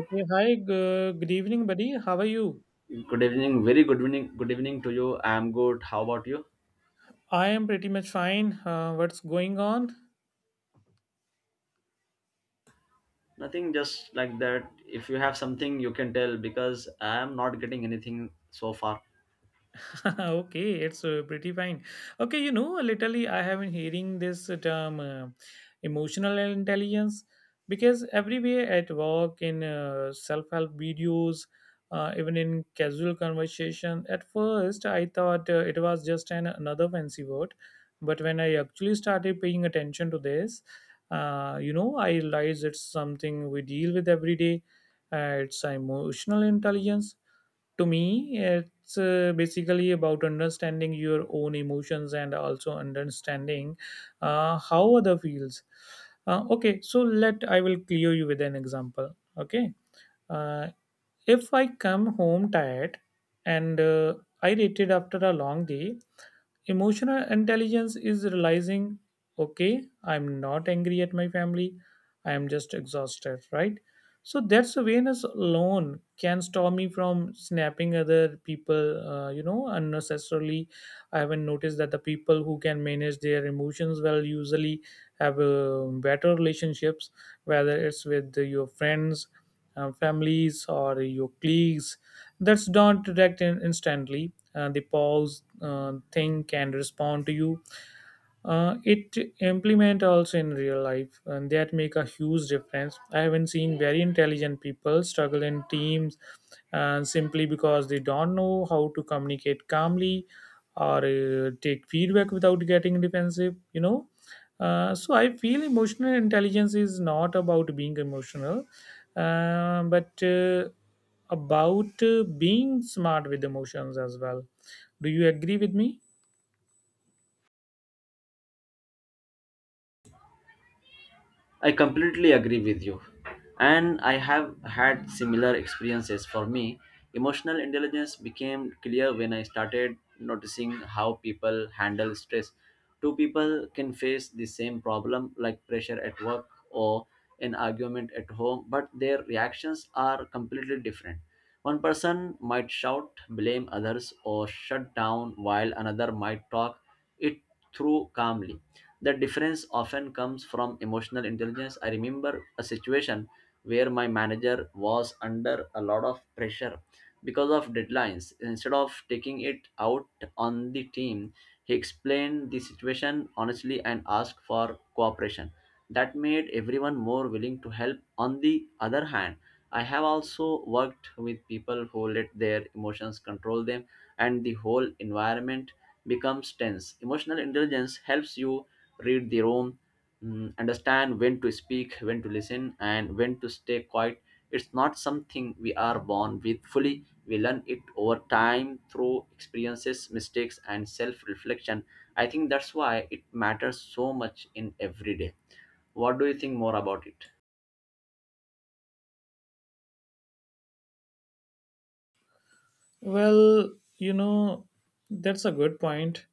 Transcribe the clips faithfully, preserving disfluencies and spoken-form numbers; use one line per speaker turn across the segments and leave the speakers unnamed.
Okay, hi, g- good evening, buddy. How are you?
Good evening. Very good evening. Good evening to you. I'm good. How about you?
I am pretty much fine. Uh, what's going on?
Nothing, just like that. If you have something, you can tell because I'm not getting anything so far.
Okay, it's uh, pretty fine. Okay, you know, literally, I have been hearing this term uh, emotional intelligence, because everywhere at work, in uh, self help videos, uh, even in casual conversation. At first I thought uh, it was just an, another fancy word. But when I actually started paying attention to this, uh, you know, I realized it's something we deal with every day. Uh, it's emotional intelligence to me. It's uh, basically about understanding your own emotions and also understanding uh, how other feels. Uh, okay, so let I will clear you with an example. Okay. uh, if I come home tired and uh, I rated after a long day. Emotional intelligence is realizing, okay, I'm not angry at my family, I am just exhausted, right? So that's awareness alone can stop me from snapping other people, uh, you know, unnecessarily. I haven't noticed that the people who can manage their emotions well usually have uh, better relationships, whether it's with your friends, uh, families, or your colleagues. That's not direct, in- instantly uh, they pause, uh, think and respond to you. Uh, it implement also in real life, and that make a huge difference. I haven't seen very intelligent people struggle in teams, and simply because they don't know how to communicate calmly or uh, take feedback without getting defensive you know uh, So I feel emotional intelligence is not about being emotional, uh, but uh, about uh, being smart with emotions as well. Do you agree with me?
I completely agree with you. And I have had similar experiences. For me, emotional intelligence became clear when I started noticing how people handle stress. Two people can face the same problem, like pressure at work or an argument at home, but their reactions are completely different. One person might shout, blame others, or shut down, while another might talk it through calmly. The difference often comes from emotional intelligence. I remember a situation where my manager was under a lot of pressure because of deadlines. Instead of taking it out on the team, he explained the situation honestly and asked for cooperation. That made everyone more willing to help. On the other hand, I have also worked with people who let their emotions control them, and the whole environment becomes tense. Emotional intelligence helps you read the room, mm, understand when to speak, when to listen, and when to stay quiet. It's not something we are born with fully. We learn it over time through experiences, mistakes, and self reflection. I think that's why it matters so much in every day. What do you think more about it?
Well, you know, that's a good point.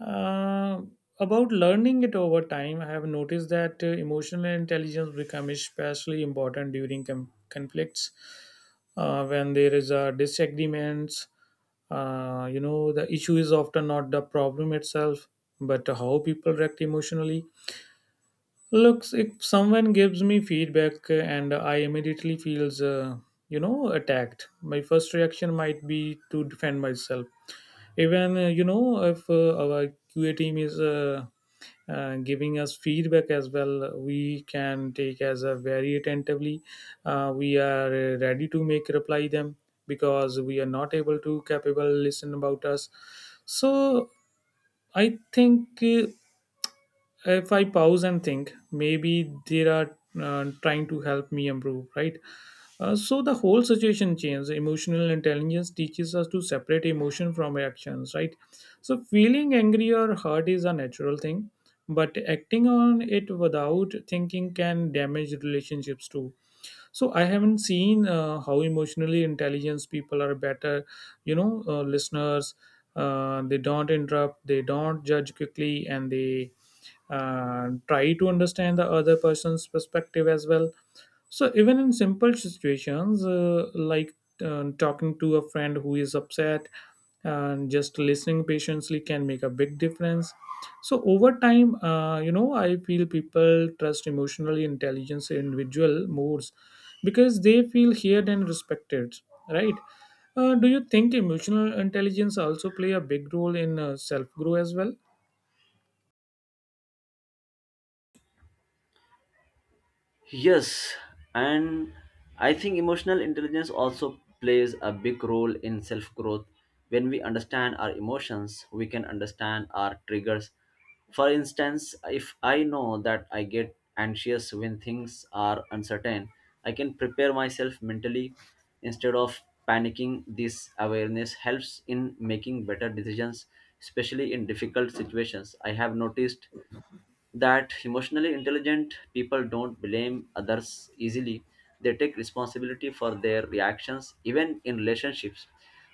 Uh, about learning it over time, I have noticed that uh, emotional intelligence becomes especially important during com- conflicts, uh, when there is a disagreements. Uh, you know, the issue is often not the problem itself, but how people react emotionally. Looks, if someone gives me feedback uh, and I immediately feels, uh, you know, attacked. My first reaction might be to defend myself, even uh, you know if uh, our QA team is uh, uh, giving us feedback as well. We can take as a very attentively. Uh, we are uh, ready to make reply them, because we are not able to capable listen about us. So I think, uh, if I pause and think, maybe they are uh, trying to help me improve, right? Uh, so the whole situation changes. Emotional intelligence teaches us to separate emotion from actions, right? So feeling angry or hurt is a natural thing, but acting on it without thinking can damage relationships too. So I haven't seen uh, how emotionally intelligent people are better, you know, uh, listeners. Uh, they don't interrupt, they don't judge quickly, and they uh, try to understand the other person's perspective as well. So even in simple situations uh, like um, talking to a friend who is upset and just listening patiently can make a big difference. So over time, uh, you know I feel people trust emotionally intelligent individual more, because they feel heard and respected, right? Uh, do you think emotional intelligence also play a big role in uh, self grow as well?
Yes, and I think emotional intelligence also plays a big role in self growth. When we understand our emotions, we can understand our triggers. For instance, if I know that I get anxious when things are uncertain, I can prepare myself mentally instead of panicking. This awareness helps in making better decisions, especially in difficult situations. I have noticed that emotionally intelligent people don't blame others easily. They take responsibility for their reactions, even in relationships.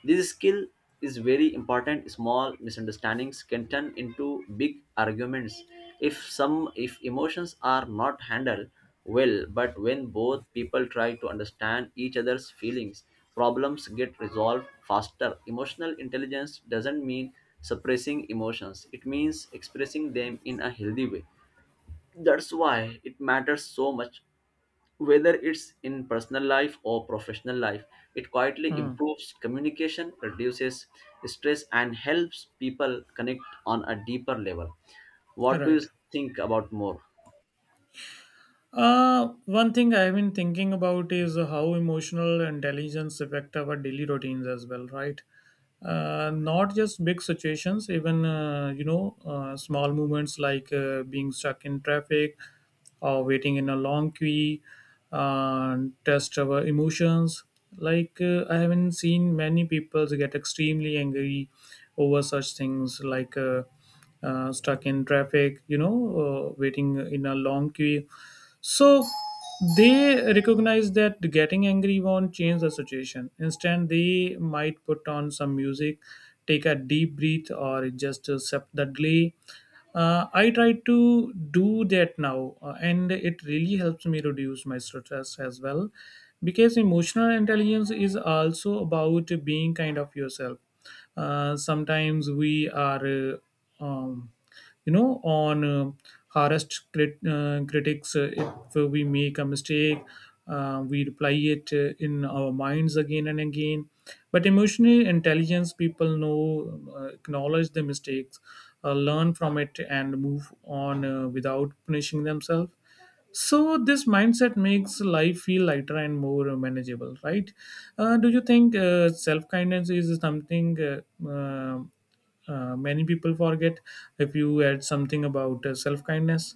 This skill is very important. Small misunderstandings can turn into big arguments if some if emotions are not handled well. But when both people try to understand each other's feelings, problems get resolved faster. Emotional intelligence doesn't mean suppressing emotions. It means expressing them in a healthy way. That's why it matters so much, whether it's in personal life or professional life. It quietly
Hmm.
improves communication, reduces stress and helps people connect on a deeper level. What do you
Right.
think about more?
Uh, one thing I've been thinking about is how emotional intelligence affect our daily routines as well, right? Uh, not just big situations, even uh, you know, uh, small moments like uh, being stuck in traffic or waiting in a long queue, uh, test our emotions. Like uh, I haven't seen many people get extremely angry over such things, like uh, uh, stuck in traffic, you know, uh, waiting in a long queue. So they recognize that getting angry won't change the situation. Instead, they might put on some music, take a deep breath, or just accept the delay. Uh, I try to do that now, uh, and it really helps me reduce my stress as well. Because emotional intelligence is also about being kind of yourself. Uh, sometimes we are uh, um, you know on uh, harassed, crit- uh, critics, uh, if we make a mistake, uh, we reply it uh, in our minds again and again. But emotional intelligence people know, uh, acknowledge the mistakes, uh, learn from it and move on uh, without punishing themselves. So this mindset makes life feel lighter and more manageable, right? Uh, do you think uh, self kindness is something uh, uh, uh, many people forget? If you add something about uh, self kindness.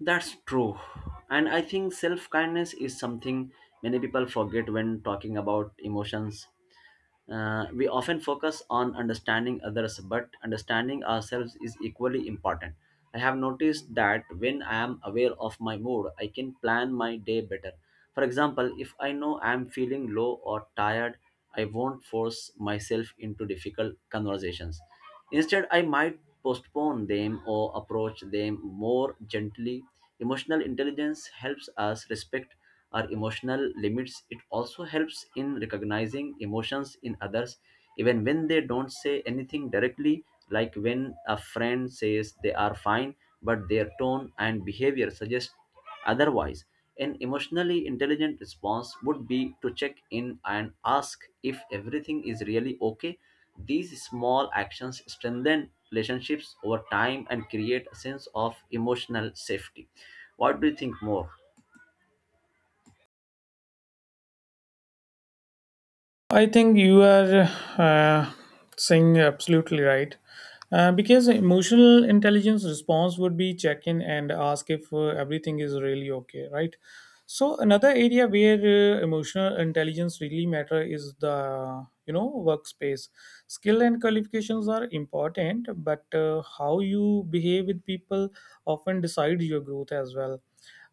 That's true, and I think self kindness is something many people forget when talking about emotions. Uh, we often focus on understanding others, but understanding ourselves is equally important. I have noticed that when I am aware of my mood, I can plan my day better. For example, if I know I am feeling low or tired, I won't force myself into difficult conversations. Instead, I might postpone them or approach them more gently. Emotional intelligence helps us respect our emotional limits. It also helps in recognizing emotions in others, even when they don't say anything directly, like when a friend says they are fine, but their tone and behavior suggest otherwise. An emotionally intelligent response would be to check in and ask if everything is really okay. These small actions strengthen relationships over time and create a sense of emotional safety. What do you think more?
I think you are, uh, saying absolutely right. Uh, because emotional intelligence response would be check in and ask if uh, everything is really okay, right? So another area where uh, emotional intelligence really matter is the you know workspace. Skill and qualifications are important, but uh, how you behave with people often decides your growth as well.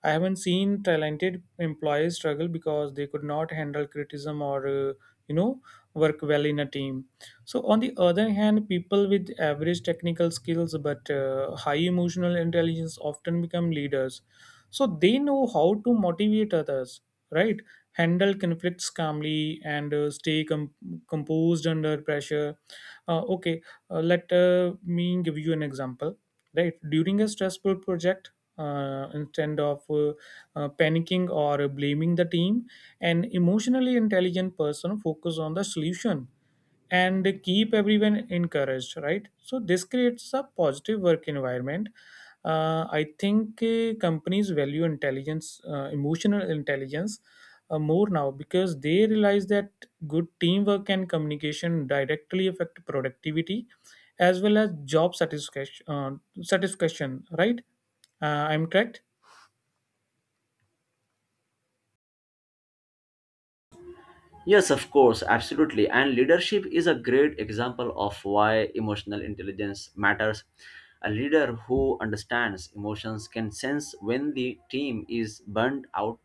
I haven't seen talented employees struggle because they could not handle criticism or uh, you know work well in a team. So on the other hand, people with average technical skills but uh, high emotional intelligence often become leaders. So they know how to motivate others, right? Handle conflicts calmly and uh, stay com- composed under pressure. Uh, okay, uh, let uh, me give you an example, right? During a stressful project, uh, instead of uh, uh, panicking or blaming the team. An emotionally intelligent person focus on the solution and keep everyone encouraged, right? So this creates a positive work environment. uh, I think uh, companies value intelligence uh, emotional intelligence uh, more now, because they realize that good teamwork and communication directly affect productivity as well as job satisfaction uh, satisfaction, right? uh, I'm correct?
Yes, of course, absolutely. And leadership is a great example of why emotional intelligence matters. A leader who understands emotions can sense when the team is burnt out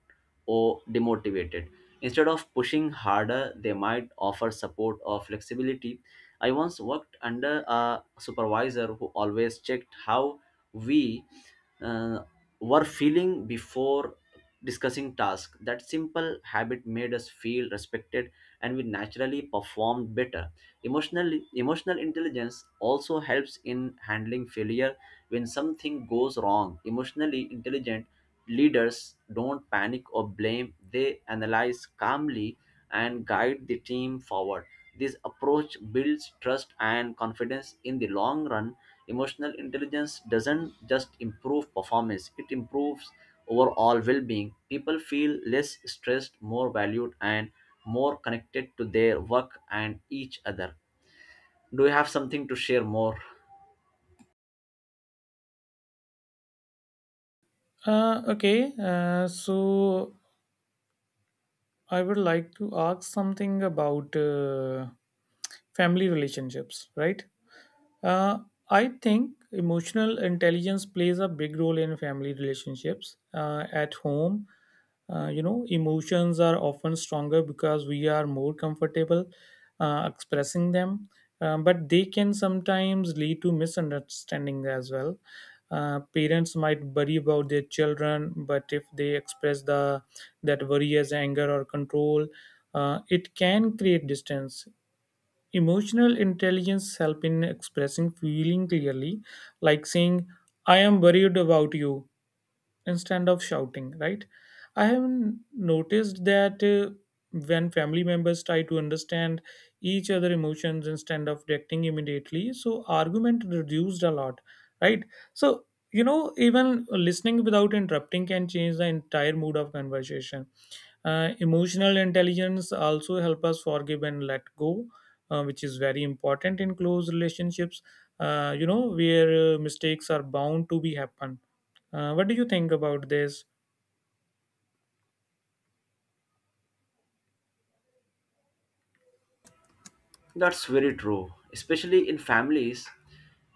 or demotivated. Instead of pushing harder, they might offer support or flexibility. I once worked under a supervisor who always checked how we uh, were feeling before discussing task. That simple habit made us feel respected and we naturally performed better. Emotional emotional intelligence also helps in handling failure when something goes wrong. Emotionally intelligent leaders don't panic or blame, they analyze calmly and guide the team forward. This approach builds trust and confidence in the long run. Emotional intelligence doesn't just improve performance, it improves overall well-being. People feel less stressed, more valued, and more connected to their work and each other. Do you have something to share more?
uh, Okay, uh, so I would like to ask something about uh, family relationships, right? Uh, I think emotional intelligence plays a big role in family relationships. Uh, at home, uh, you know, emotions are often stronger because we are more comfortable uh, expressing them. Um, but they can sometimes lead to misunderstanding as well. Uh, parents might worry about their children, but if they express the that worry as anger or control, uh, it can create distance. Emotional intelligence helps in expressing feeling clearly, like saying, I am worried about you, instead of shouting, right? I have noticed that, uh, when family members try to understand each other emotions instead of reacting immediately, so argument reduced a lot, right? So, you know, even listening without interrupting can change the entire mood of conversation. Uh, emotional intelligence also help us forgive and let go, uh, which is very important in close relationships, Uh, you know where uh, mistakes are bound to be happen. Uh, what do you think about this?
That's very true, especially in families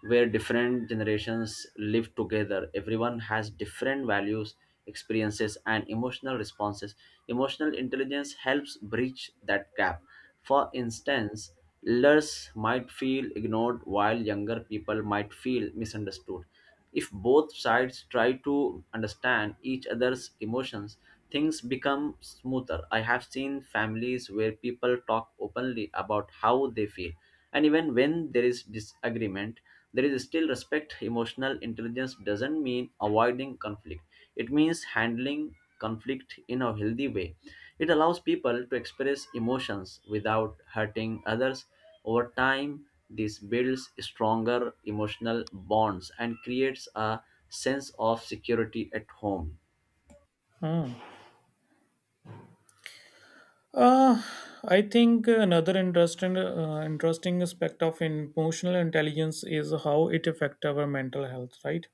where different generations live together. Everyone has different values, experiences, and emotional responses. Emotional intelligence helps bridge that gap. For instance, elders might feel ignored while younger people might feel misunderstood. If both sides try to understand each other's emotions, things become smoother. I have seen families where people talk openly about how they feel, and even when there is disagreement, there is still respect. Emotional intelligence doesn't mean avoiding conflict, it means handling conflict in a healthy way. It allows people to express emotions without hurting others. Over time, this builds stronger emotional bonds and creates a sense of security at home.
Hmm. Uh, I think another interesting, uh, interesting aspect of emotional intelligence is how it affects our mental health, right?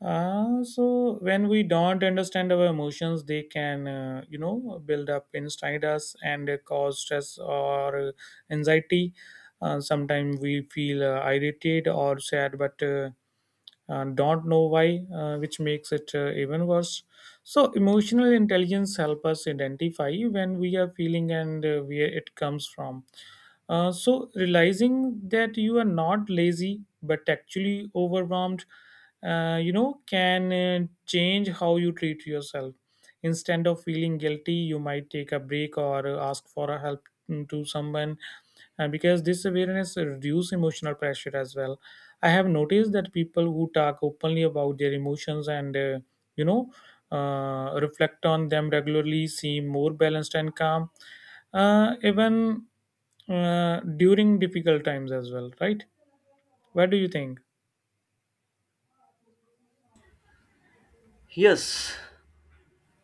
Uh, so when we don't understand our emotions, they can, uh, you know, build up inside us, and uh, cause stress or uh, anxiety. Uh, sometimes we feel uh, irritated or sad, but uh, uh, don't know why, uh, which makes it uh, even worse. So emotional intelligence help us identify when we are feeling and uh, where it comes from. Uh, so realizing that you are not lazy but actually overwhelmed, uh, you know can uh, change how you treat yourself. Instead of feeling guilty, you might take a break or uh, ask for a help, mm, to someone, uh, because this awareness reduce emotional pressure as well. I have noticed that people who talk openly about their emotions and uh, you know uh, reflect on them regularly seem more balanced and calm, uh, even uh, during difficult times as well, right? What do you think?
Yes,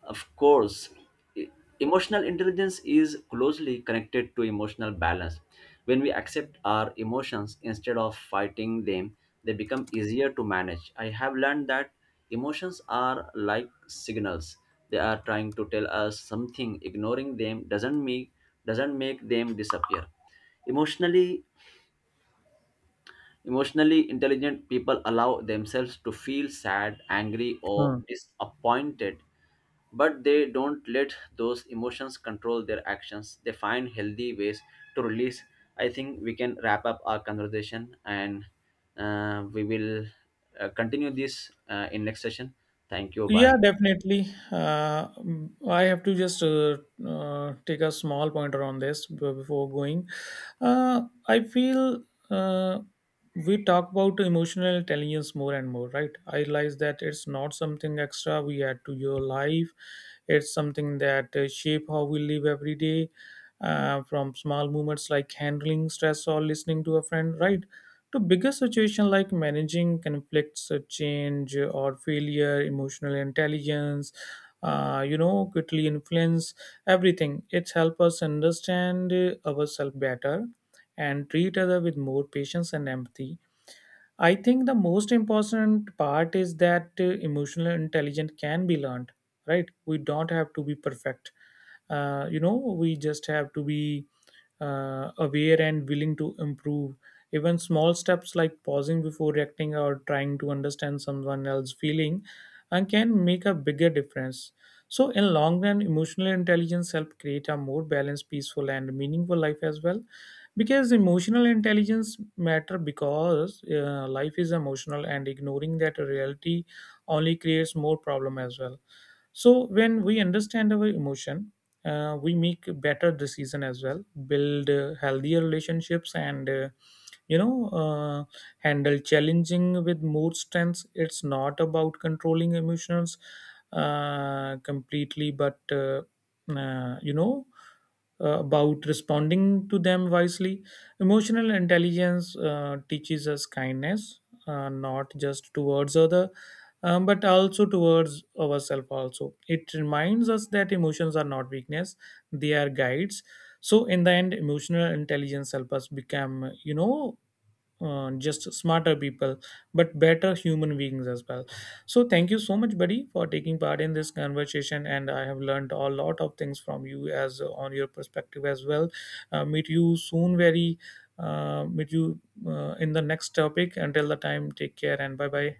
of course, e- emotional intelligence is closely connected to emotional balance. When we accept our emotions instead of fighting them, they become easier to manage. I have learned that emotions are like signals. They are trying to tell us something. Ignoring them doesn't make doesn't make them disappear. Emotionally emotionally intelligent people allow themselves to feel sad, angry or
Hmm.
disappointed, but they don't let those emotions control their actions. They find healthy ways to release. I think we can wrap up our conversation, and uh, we will uh, continue this uh, in next session. Thank you,
Yeah,
bye.
definitely. Uh, mm, I have to just uh, uh, take a small pointer on this b- before going. Uh, I feel uh, we talk about emotional intelligence more and more, right? I realize that it's not something extra we add to your life. It's something that uh, shape how we live every day, uh, from small moments like handling stress or listening to a friend, right? To bigger situations like managing conflicts, uh, change, uh, or failure. Emotional intelligence, uh, you know, quickly influence everything. It helps us understand uh, ourselves better and treat other with more patience and empathy. I think the most important part is that uh, emotional intelligence can be learned, right? We don't have to be perfect. Uh, you know, we just have to be uh, aware and willing to improve. Even small steps like pausing before reacting or trying to understand someone else's feeling uh, can make a bigger difference. So, in long run, emotional intelligence help create a more balanced, peaceful, and meaningful life as well. Because emotional intelligence matter, because uh, life is emotional, and ignoring that reality only creates more problem as well. So when we understand our emotion, uh, we make better decision as well, build uh, healthier relationships, and uh, you know uh, handle challenging with more strength. It's not about controlling emotions uh, completely, but uh, uh, you know uh, about responding to them wisely. Emotional intelligence uh, teaches us kindness, uh, not just towards other, um, but also towards ourselves also. It reminds us that emotions are not weakness, they are guides. So in the end, emotional intelligence help us become, you know uh, just smarter people, but better human beings as well. So thank you so much buddy for taking part in this conversation, and I have learned a lot of things from you, as uh, on your perspective as well. Uh, meet you soon, very uh, meet you uh, in the next topic. Until the time, take care and bye bye.